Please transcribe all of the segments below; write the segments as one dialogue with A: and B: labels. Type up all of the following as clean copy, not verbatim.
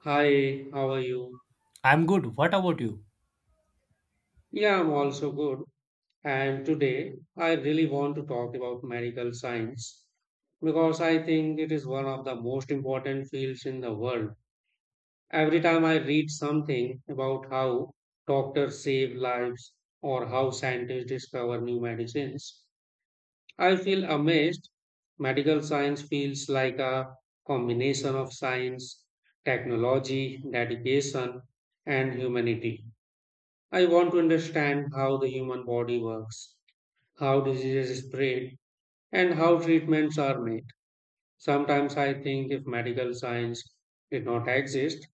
A: Hi, how are you?
B: I'm good. What about you?
A: Yeah, I'm also good. And today I really want to talk about medical science because I think it is one of the most important fields in the world. Every time I read something about how doctors save lives or how scientists discover new medicines, I feel amazed. Medical science feels like a combination of science, technology, dedication, and humanity. I want to understand how the human body works, how diseases spread, and how treatments are made. Sometimes I think if medical science did not exist,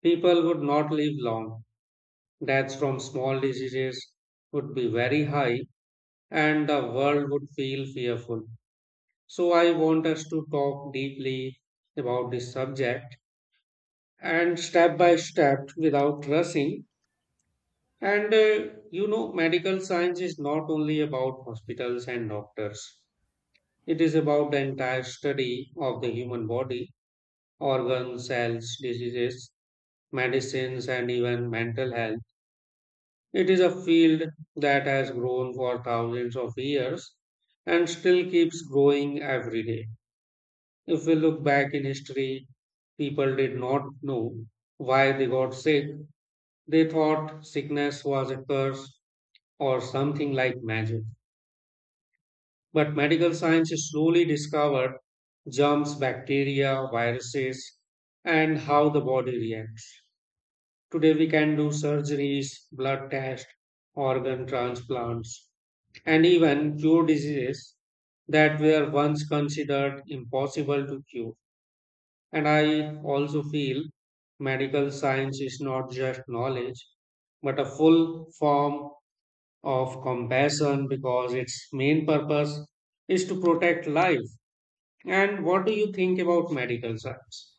A: people would not live long. Deaths from small diseases would be very high, and the world would feel fearful. So I want us to talk deeply about this subject and step by step without rushing. And medical science is not only about hospitals and doctors. It is about the entire study of the human body, organs, cells, diseases, medicines, and even mental health. It is a field that has grown for thousands of years and still keeps growing every day. If we look back in history, people did not know why they got sick. They thought sickness was a curse or something like magic. But medical science slowly discovered germs, bacteria, viruses, and how the body reacts. Today, we can do surgeries, blood tests, organ transplants, and even cure diseases that were once considered impossible to cure. And I also feel medical science is not just knowledge, but a full form of compassion because its main purpose is to protect life. And what do you think about medical science?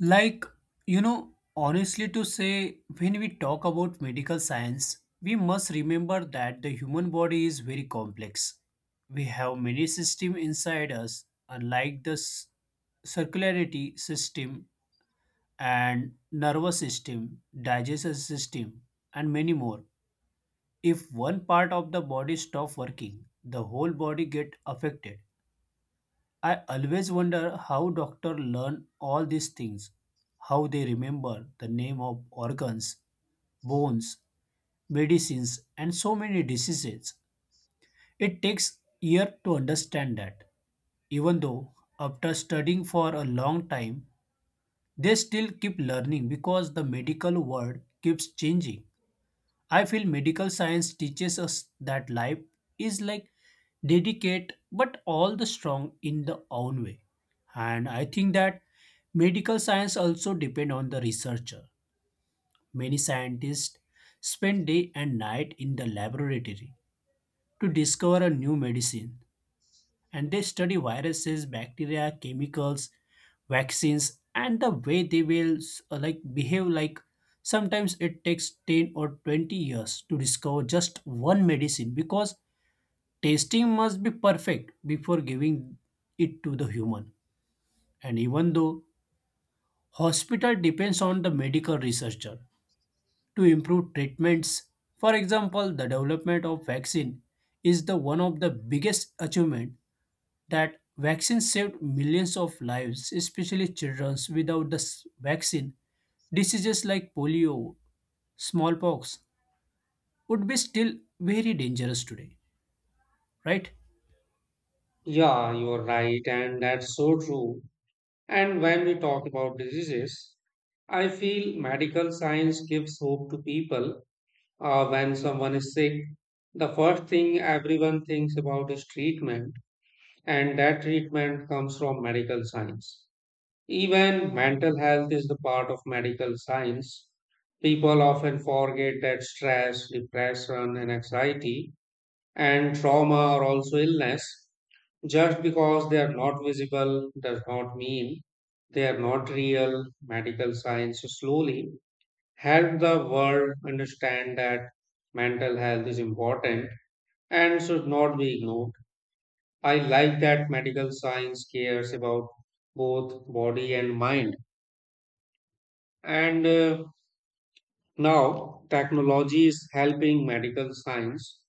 B: Like, honestly, to say, when we talk about medical science, we must remember that the human body is very complex. We have many systems inside us, unlike the circularity system and nervous system, digestive system, and many more. If one part of the body stop working, the whole body get affected. I always wonder how doctors learn all these things, how they remember the name of organs, bones, medicines, and so many diseases. It takes years to understand that. Even though after studying for a long time, they still keep learning because the medical world keeps changing. I feel medical science teaches us that life is like delicate but all the strong in the own way. And I think that medical science also depend on the researcher. Many scientists spend day and night in the laboratory to discover a new medicine and they study viruses, bacteria, chemicals, vaccines, and the way they will like behave. Like sometimes it takes 10 or 20 years to discover just one medicine because testing must be perfect before giving it to the human. And even though hospital depends on the medical researcher to improve treatments, for example, the development of vaccine is the one of the biggest achievement that vaccines saved millions of lives, especially children's. Without the vaccine, diseases like polio, smallpox would be still very dangerous today, right?
A: Yeah, you're right, and that's so true. And when we talk about diseases, I feel medical science gives hope to people. When someone is sick, the first thing everyone thinks about is treatment, and that treatment comes from medical science. Even mental health is the part of medical science. People often forget that stress, depression, and anxiety and trauma are also illness. Just because they are not visible does not mean they are not real. Medical science slowly help the world understand that mental health is important and should not be ignored. I like that medical science cares about both body and mind. And now technology is helping medical science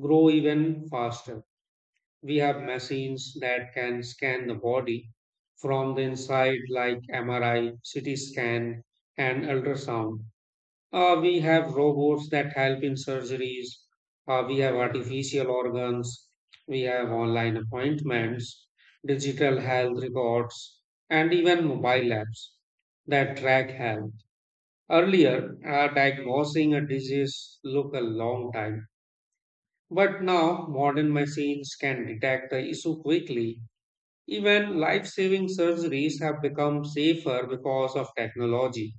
A: grow even faster. We have machines that can scan the body from the inside, like MRI, CT scan, and ultrasound. We have robots that help in surgeries. We have artificial organs. We have online appointments, digital health records, and even mobile apps that track health. Earlier, diagnosing a disease took a long time, but now modern machines can detect the issue quickly. Even life saving surgeries have become safer because of technology.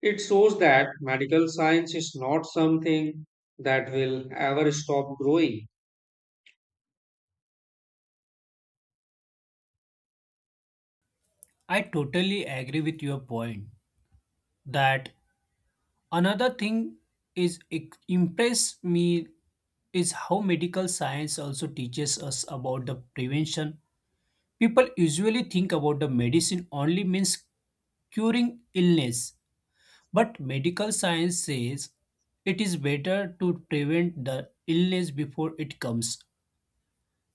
A: It shows that medical science is not something that will ever stop growing.
B: I totally agree with your point that another thing is it impress me is how medical science also teaches us about the prevention. People usually think about the medicine only means curing illness. But medical science says it is better to prevent the illness before it comes.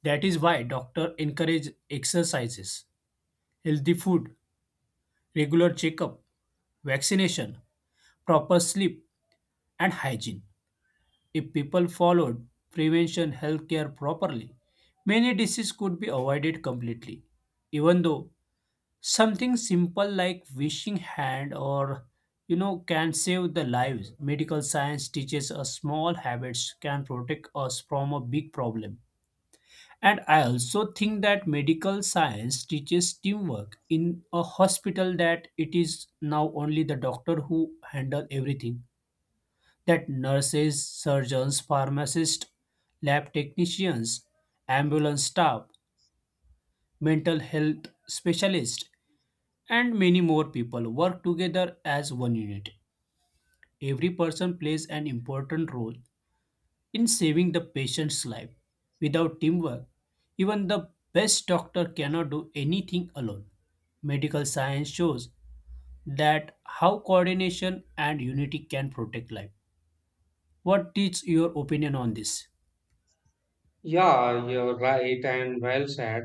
B: That is why doctors encourage exercises, healthy food, regular checkup, vaccination, proper sleep, and hygiene. If people followed prevention healthcare properly, many diseases could be avoided completely. Even though something simple like wishing hand or can save the lives. Medical science teaches us small habits can protect us from a big problem. And I also think that medical science teaches teamwork in a hospital that it is now only the doctor who handle everything. That nurses, surgeons, pharmacists, lab technicians, ambulance staff, mental health specialists and many more people work together as one unit. Every person plays an important role in saving the patient's life. Without teamwork, even the best doctor cannot do anything alone. Medical science shows that how coordination and unity can protect life. What is your opinion on this?
A: Yeah, you're right and well said.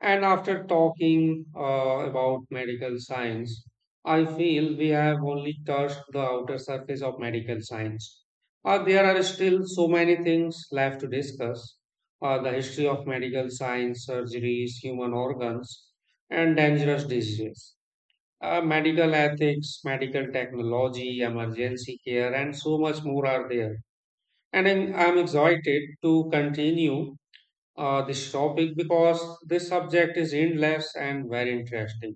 A: And after talking about medical science, I feel we have only touched the outer surface of medical science. There are still so many things left to discuss the history of medical science, surgeries, human organs, and dangerous diseases, medical ethics, medical technology, emergency care, and so much more are there. And I'm excited to continue this topic because this subject is endless and very interesting.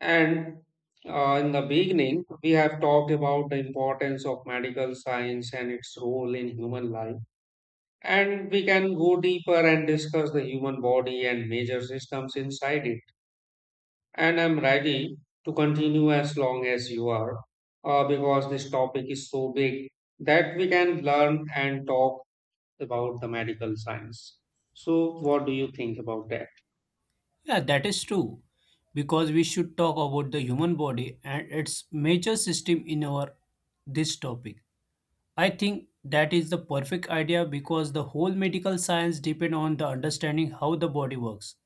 A: And in the beginning, we have talked about the importance of medical science and its role in human life. And we can go deeper and discuss the human body and major systems inside it. And I'm ready to continue as long as you are, because this topic is so big that we can learn and talk about the medical science. So, what do you think about that?
B: Yeah, that is true. Because we should talk about the human body and its major system in our this topic. I think that is the perfect idea because the whole medical science depend on the understanding how the body works.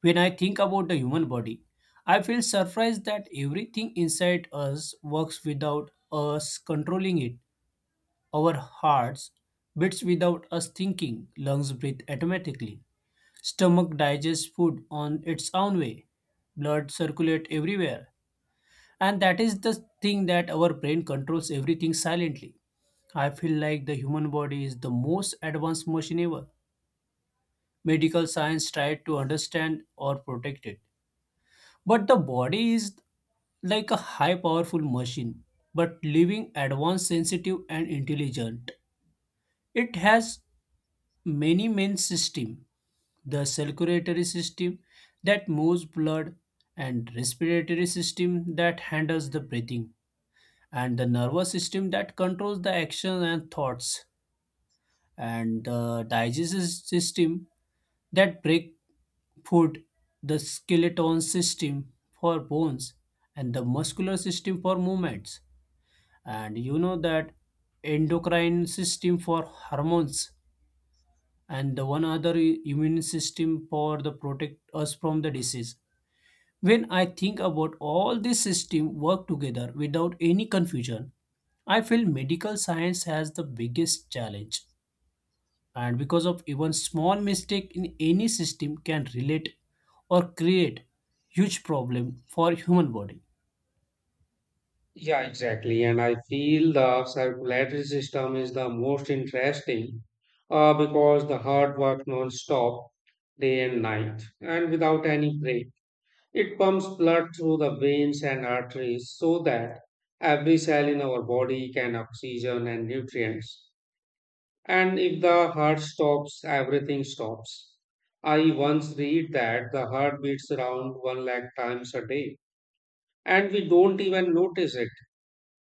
B: When I think about the human body, I feel surprised that everything inside us works without us controlling it. Our hearts beats without us thinking, lungs breathe automatically, stomach digests food on its own way, blood circulates everywhere, and that is the thing that our brain controls everything silently. I feel like the human body is the most advanced machine ever. Medical science tried to understand or protect it. But the body is like a high powerful machine, but living advanced, sensitive, and intelligent. It has many main system, the circulatory system that moves blood and respiratory system that handles the breathing and the nervous system that controls the action and thoughts and the digestive system that break food, the skeleton system for bones and the muscular system for movements and you know that endocrine system for hormones and the one other immune system for the protect us from the disease. When I think about all these systems work together without any confusion, I feel medical science has the biggest challenge. And because of even small mistake in any system can relate or create huge problem for human body.
A: Yeah, exactly. And I feel the circulatory system is the most interesting because the heart works non-stop day and night and without any break. It pumps blood through the veins and arteries so that every cell in our body can oxygen and nutrients. And if the heart stops, everything stops. I once read that the heart beats around 1 lakh times a day and we don't even notice it.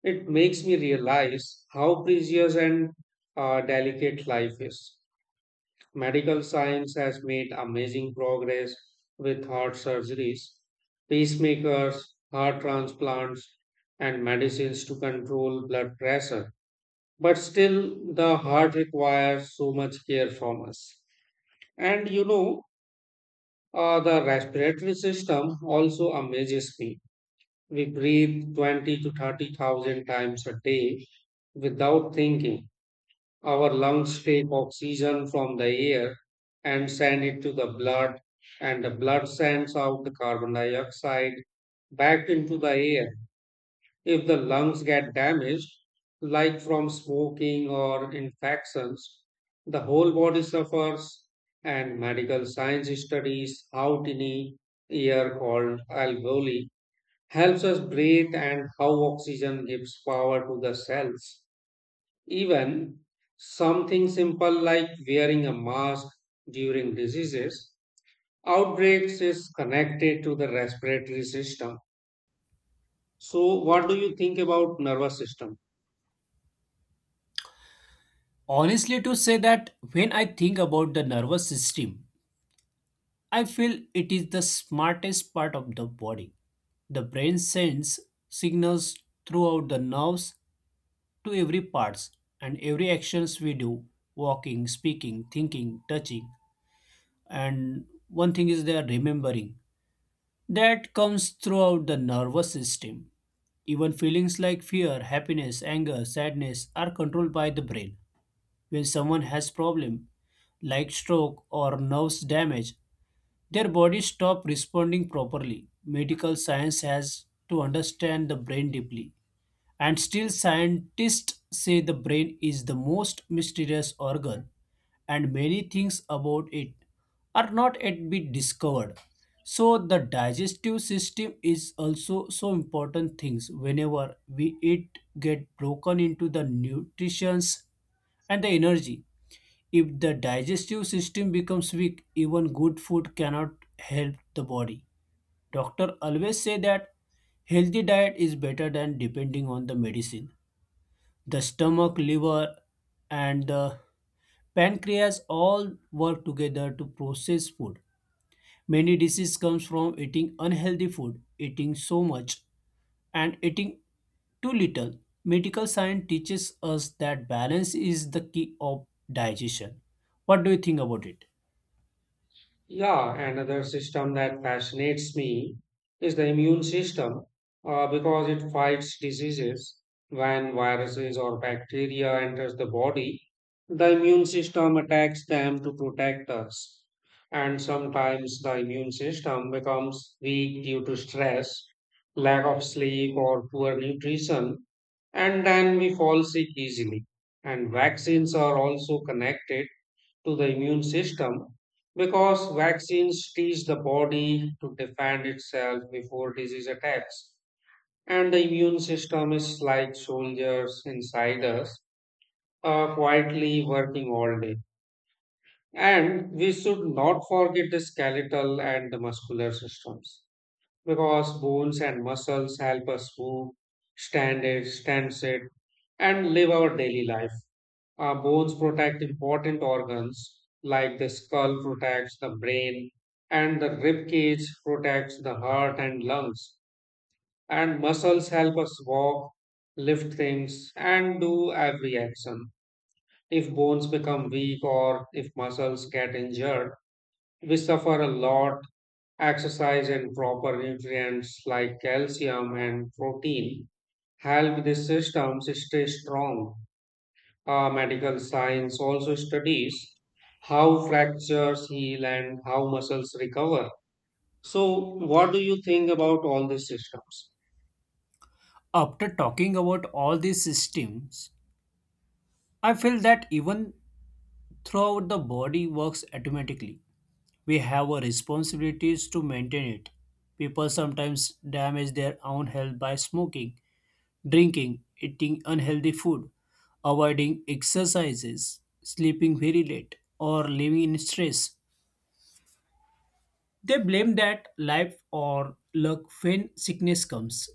A: It makes me realize how precious and delicate life is. Medical science has made amazing progress with heart surgeries, pacemakers, heart transplants, and medicines to control blood pressure. But still, the heart requires so much care from us. And the respiratory system also amazes me. We breathe 20 to 30,000 times a day without thinking. Our lungs take oxygen from the air and send it to the blood, and the blood sends out the carbon dioxide back into the air. If the lungs get damaged, like from smoking or infections, the whole body suffers, and medical science studies how tiny air called alveoli helps us breathe and how oxygen gives power to the cells. Even something simple like wearing a mask during diseases outbreaks is connected to the respiratory system. So, what do you think about nervous system?
B: Honestly to say that when I think about the nervous system, I feel it is the smartest part of the body. The brain sends signals throughout the nerves to every parts and every actions we do, walking, speaking, thinking, touching, and one thing is they are remembering that comes throughout the nervous system. Even feelings like fear, happiness, anger, sadness are controlled by the brain. When someone has problem like stroke or nerves damage, their body stop responding properly. Medical science has to understand the brain deeply, and still, scientists say the brain is the most mysterious organ, and many things about it are not yet been discovered. So, the digestive system is also so important things. Whenever we eat, get broken into the nutritions and the energy. If the digestive system becomes weak, even good food cannot help the body. Doctor always say that healthy diet is better than depending on the medicine. The stomach, liver, and the pancreas all work together to process food. Many diseases comes from eating unhealthy food, eating so much, and eating too little. Medical science teaches us that balance is the key of digestion. What do you think about it?
A: Yeah, another system that fascinates me is the immune system because it fights diseases. When viruses or bacteria enters the body, the immune system attacks them to protect us. And sometimes the immune system becomes weak due to stress, lack of sleep, or poor nutrition, and then we fall sick easily. And vaccines are also connected to the immune system because vaccines teach the body to defend itself before disease attacks. And the immune system is like soldiers inside us, quietly working all day. And we should not forget the skeletal and the muscular systems because bones and muscles help us move, stand sit, and live our daily life. Bones protect important organs like the skull protects the brain and the rib cage protects the heart and lungs. And muscles help us walk, lift things, and do every action. If bones become weak or if muscles get injured, we suffer a lot. Exercise and proper nutrients like calcium and protein help these systems stay strong. Medical science also studies how fractures heal and how muscles recover. So, what do you think about all these systems?
B: After talking about all these systems, I feel that even throughout the body works automatically. We have our responsibilities to maintain it. People sometimes damage their own health by smoking, drinking, eating unhealthy food, avoiding exercises, sleeping very late, or living in stress. They blame that life or luck when sickness comes.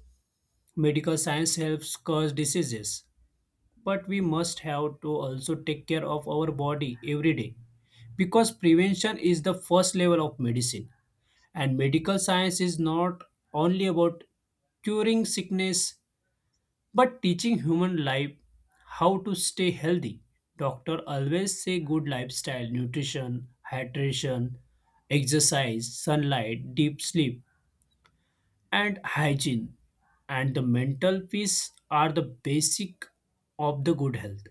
B: Medical science helps cause diseases, but we must have to also take care of our body every day because prevention is the first level of medicine and medical science is not only about curing sickness but teaching human life how to stay healthy. Doctor always say good lifestyle, nutrition, hydration, exercise, sunlight, deep sleep, and hygiene and the mental peace are the basic of the good health.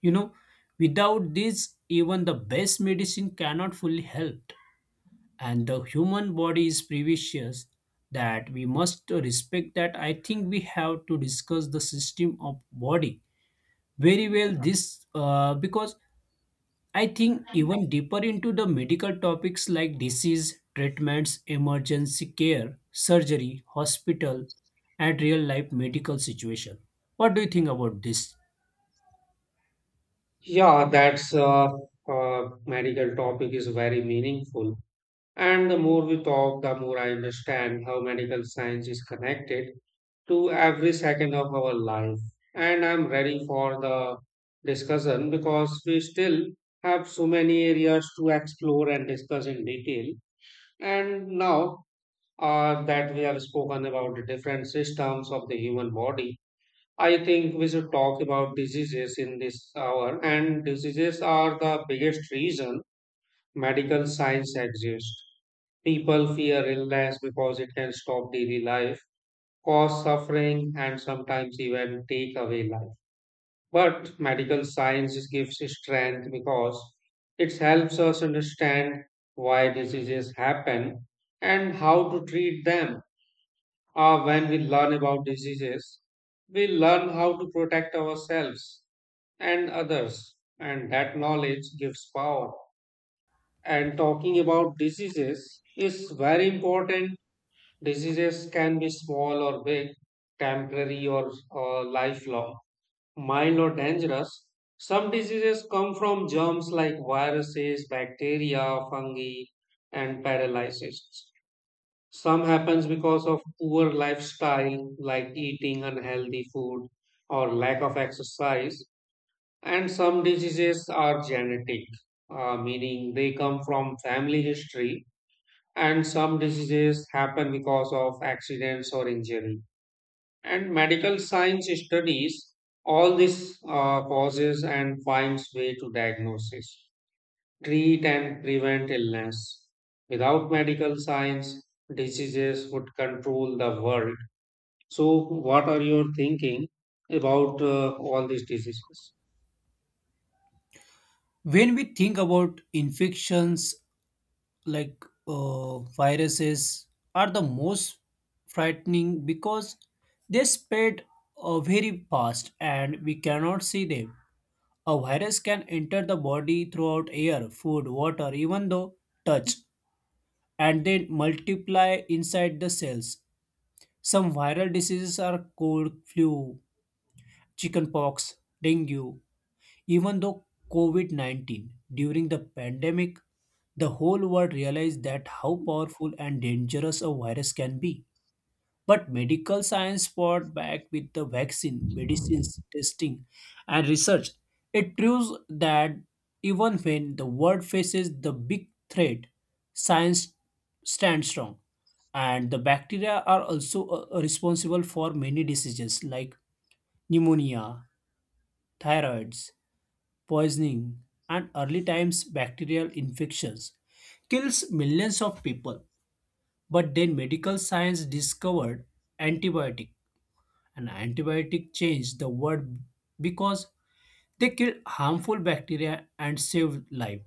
B: You know, without this, even the best medicine cannot fully help. And the human body is precious that we must respect that. I think we have to discuss the system of body very well this, because I think even deeper into the medical topics like disease, treatments, emergency care, surgery, hospital, and real life medical situation. What do you think about this?
A: Yeah, that's medical topic is very meaningful. And the more we talk, the more I understand how medical science is connected to every second of our life. And I'm ready for the discussion because we still have so many areas to explore and discuss in detail. And now that we have spoken about the different systems of the human body, I think we should talk about diseases in this hour. And diseases are the biggest reason medical science exists. People fear illness because it can stop daily life, cause suffering, and sometimes even take away life. But medical science gives strength because it helps us understand why diseases happen and how to treat them. When we learn about diseases, we learn how to protect ourselves and others, and that knowledge gives power. And talking about diseases is very important. Diseases can be small or big, temporary or lifelong, mild or dangerous. Some diseases come from germs like viruses, bacteria, fungi, and paralysis. Some happens because of poor lifestyle like eating unhealthy food or lack of exercise, and some diseases are genetic, meaning they come from family history, and some diseases happen because of accidents or injury. And medical science studies all these causes and finds way to diagnosis, treat, and prevent illness. Without medical science, diseases would control the world. So, what are your thinking about all these diseases?
B: When we think about infections like viruses are the most frightening because they spread very fast and we cannot see them. A virus can enter the body throughout air, food, water, even though touch, and then multiply inside the cells. Some viral diseases are cold, flu, chickenpox, dengue, even though COVID -19 during the pandemic, the whole world realized that how powerful and dangerous a virus can be. But medical science fought back with the vaccine, medicines, testing, and research. It proves that even when the world faces the big threat, science stands strong. And the bacteria are also responsible for many diseases like pneumonia, thyroids, poisoning, and early times bacterial infections kills millions of people. But then medical science discovered antibiotic, and antibiotic changed the world because they kill harmful bacteria and save life.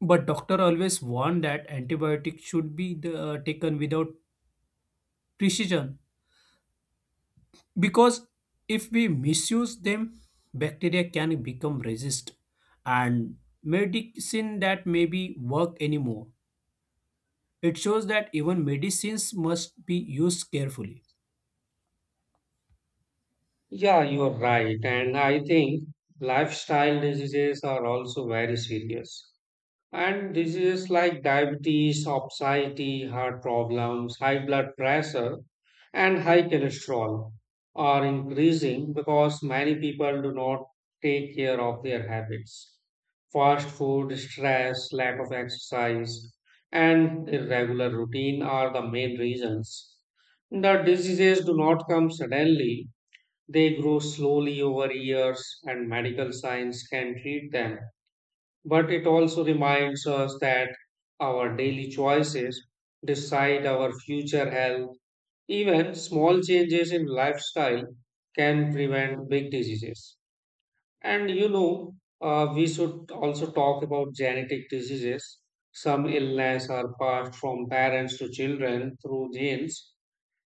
B: But doctor always warned that antibiotic should be taken without precision because if we misuse them, bacteria can become resist and medicine that maybe work anymore. It shows that even medicines must be used carefully.
A: Yeah, you are right. And I think lifestyle diseases are also very serious. And diseases like diabetes, obesity, heart problems, high blood pressure, and high cholesterol are increasing because many people do not take care of their habits. Fast food, stress, lack of exercise, and irregular routine are the main reasons. The diseases do not come suddenly, they grow slowly over years, and medical science can treat them, but it also reminds us that our daily choices decide our future health. Even small changes in lifestyle can prevent big diseases. And we should also talk about genetic diseases. Some illness are passed from parents to children through genes.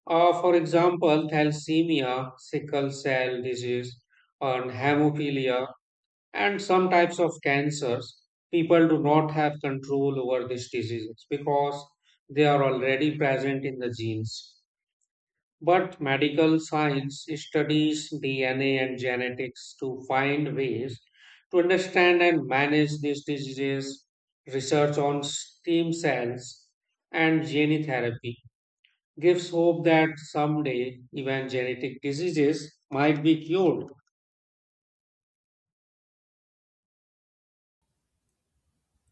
A: For example, thalassemia, sickle cell disease, and hemophilia and some types of cancers, people do not have control over these diseases because they are already present in the genes. But medical science studies DNA and genetics to find ways to understand and manage these diseases. Research on stem cells and gene therapy gives hope that someday even genetic diseases might be cured.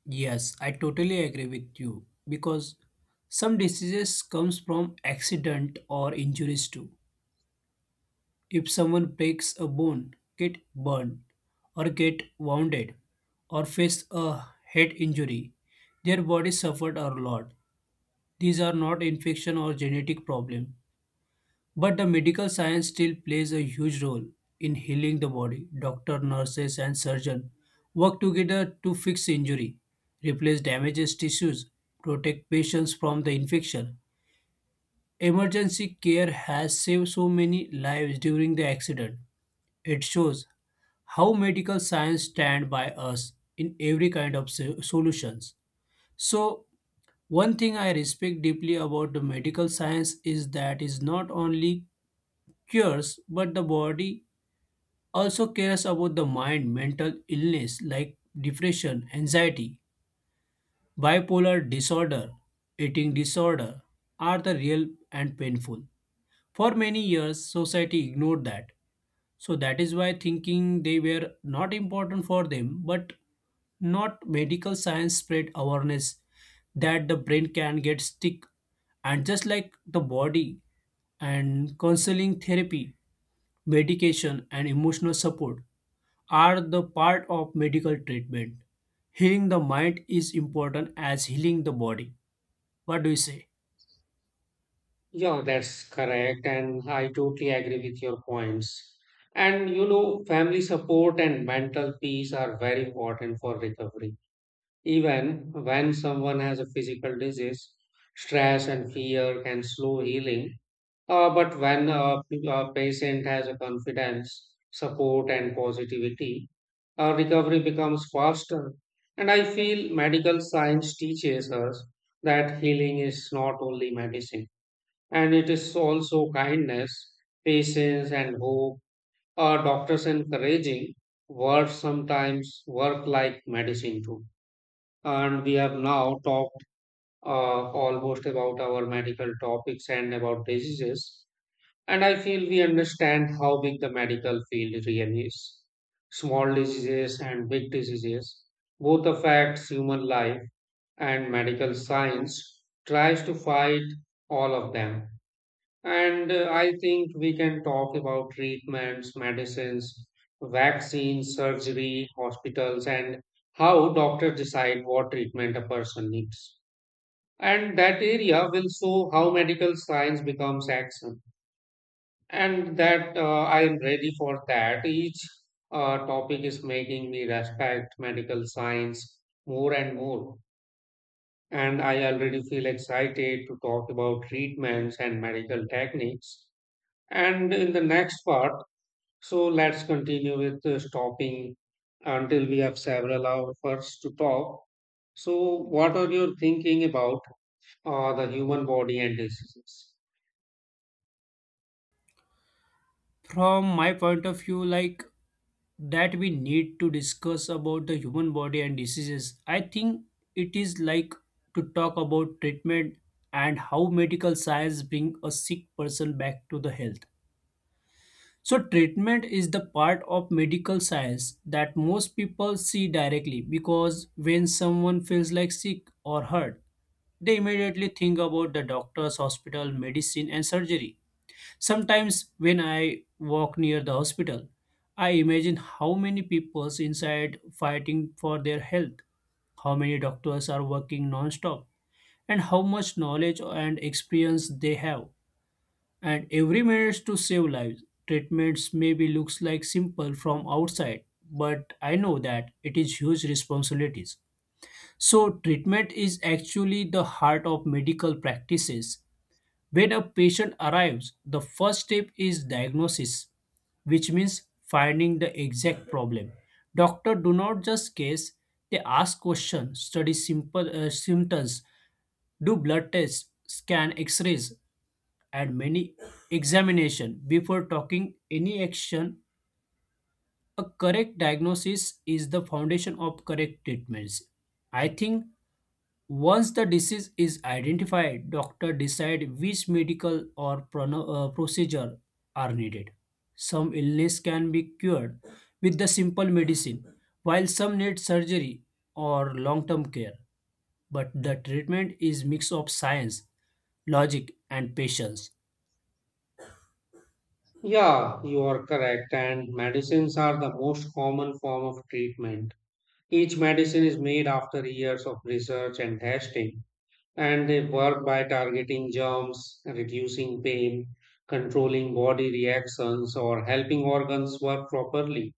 B: Yes, I totally agree with you because some diseases comes from accident or injuries too. If someone breaks a bone, get burned or get wounded or face a head injury, their body suffered a lot. These are not infection or genetic problem. But the medical science still plays a huge role in healing the body. Doctor, nurses, and surgeon work together to fix injury, replace damaged tissues, protect patients from the infection. Emergency care has saved so many lives during the accident. It shows how medical science stand by us in every kind of solutions. So, one thing I respect deeply about the medical science is that it's not only cures, but the body also cares about the mind. Mental illness like depression, anxiety, bipolar disorder, eating disorder are the real and painful. For many years, society ignored that. So that is why thinking they were not important for them, but not medical science spread awareness that the brain can get sick and just like the body, and counseling therapy, medication and emotional support are the part of medical treatment. Healing the mind is important as healing the body. What do you say?
A: Yeah, that's correct. And I totally agree with your points. And you know, family support and mental peace are very important for recovery. Even when someone has a physical disease, stress and fear can slow healing. But when a patient has a confidence, support, and positivity, recovery becomes faster. And I feel medical science teaches us that healing is not only medicine. And it is also kindness, patience, and hope are doctors encouraging words sometimes work like medicine too. And we have now talked almost about our medical topics and about diseases. And I feel we understand how big the medical field really is. Small diseases and big diseases both affect human life and medical science tries to fight all of them, and I think we can talk about treatments, medicines, vaccines, surgery, hospitals, and how doctors decide what treatment a person needs. And that area will show how medical science becomes action. And that, I am ready for that. Each topic is making me respect medical science more and more. And I already feel excited to talk about treatments and medical techniques and in the next part, so let's continue with stopping until we have several hours to talk. So, what are you thinking about the human body and diseases?
B: From my point of view, like that we need to discuss about the human body and diseases. I think it is like to talk about treatment and how medical science bring a sick person back to the health. So treatment is the part of medical science that most people see directly because when someone feels like sick or hurt, they immediately think about the doctors, hospital, medicine and surgery. Sometimes when I walk near the hospital, I imagine how many people's inside fighting for their health, how many doctors are working non-stop, and how much knowledge and experience they have. And every minute to save lives. Treatments maybe looks like simple from outside, but I know that it is huge responsibilities. So treatment is actually the heart of medical practices when a patient arrives, the first step is diagnosis, which means finding the exact problem. Doctor do not just guess, they ask questions, study simple symptoms, do blood tests, scan x-rays and many examination before talking any action. A correct diagnosis is the foundation of correct treatments. I think once the disease is identified, doctor decide which medical or procedure are needed. Some illness can be cured with the simple medicine, while some need surgery or long-term care. But the treatment is mix of science, logic, and patience.
A: Yeah, you are correct. And medicines are the most common form of treatment. Each medicine is made after years of research and testing, and they work by targeting germs, reducing pain, controlling body reactions, or helping organs work properly.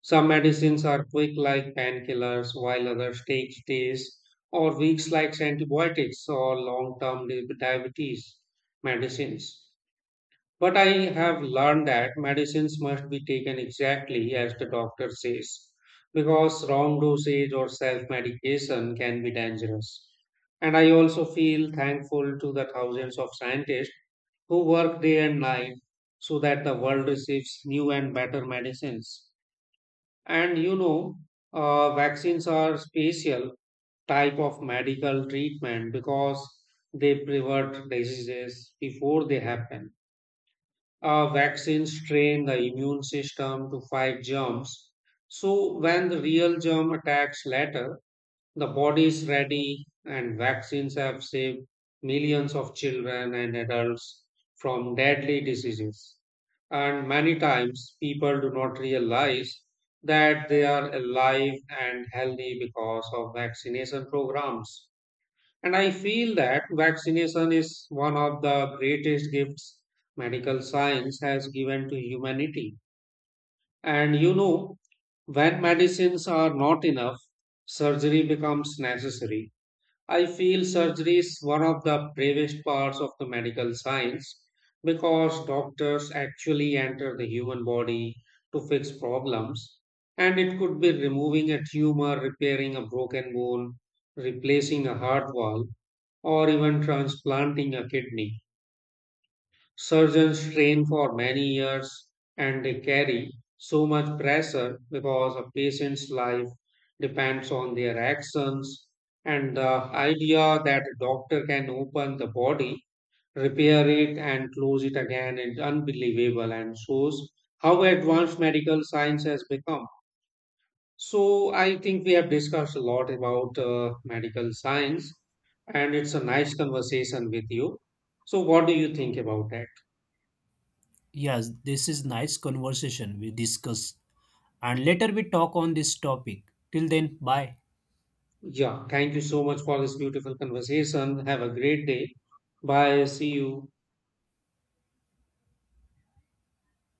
A: Some medicines are quick, like painkillers, while others take days or weeks, like antibiotics or long term diabetes medicines. But I have learned that medicines must be taken exactly as the doctor says, because wrong dosage or self medication can be dangerous. And I also feel thankful to the thousands of scientists who work day and night so that the world receives new and better medicines. And vaccines are special type of medical treatment because they prevent diseases before they happen. Vaccines train the immune system to fight germs. So when the real germ attacks later, the body is ready, and vaccines have saved millions of children and adults from deadly diseases. And many times, people do not realize that they are alive and healthy because of vaccination programs. And I feel that vaccination is one of the greatest gifts medical science has given to humanity. And you know, when medicines are not enough, surgery becomes necessary. I feel surgery is one of the bravest parts of the medical science because doctors actually enter the human body to fix problems, and it could be removing a tumor, repairing a broken bone, replacing a heart valve, or even transplanting a kidney. Surgeons train for many years and they carry so much pressure because a patient's life depends on their actions. And the idea that a doctor can open the body, repair it, and close it again is unbelievable and shows how advanced medical science has become. So, I think we have discussed a lot about medical science, and it's a nice conversation with you. So, what do you think about that?
B: Yes, this is nice conversation we discuss, and later we talk on this topic. Till then, bye.
A: Yeah, thank you so much for this beautiful conversation. Have a great day. Bye. See you.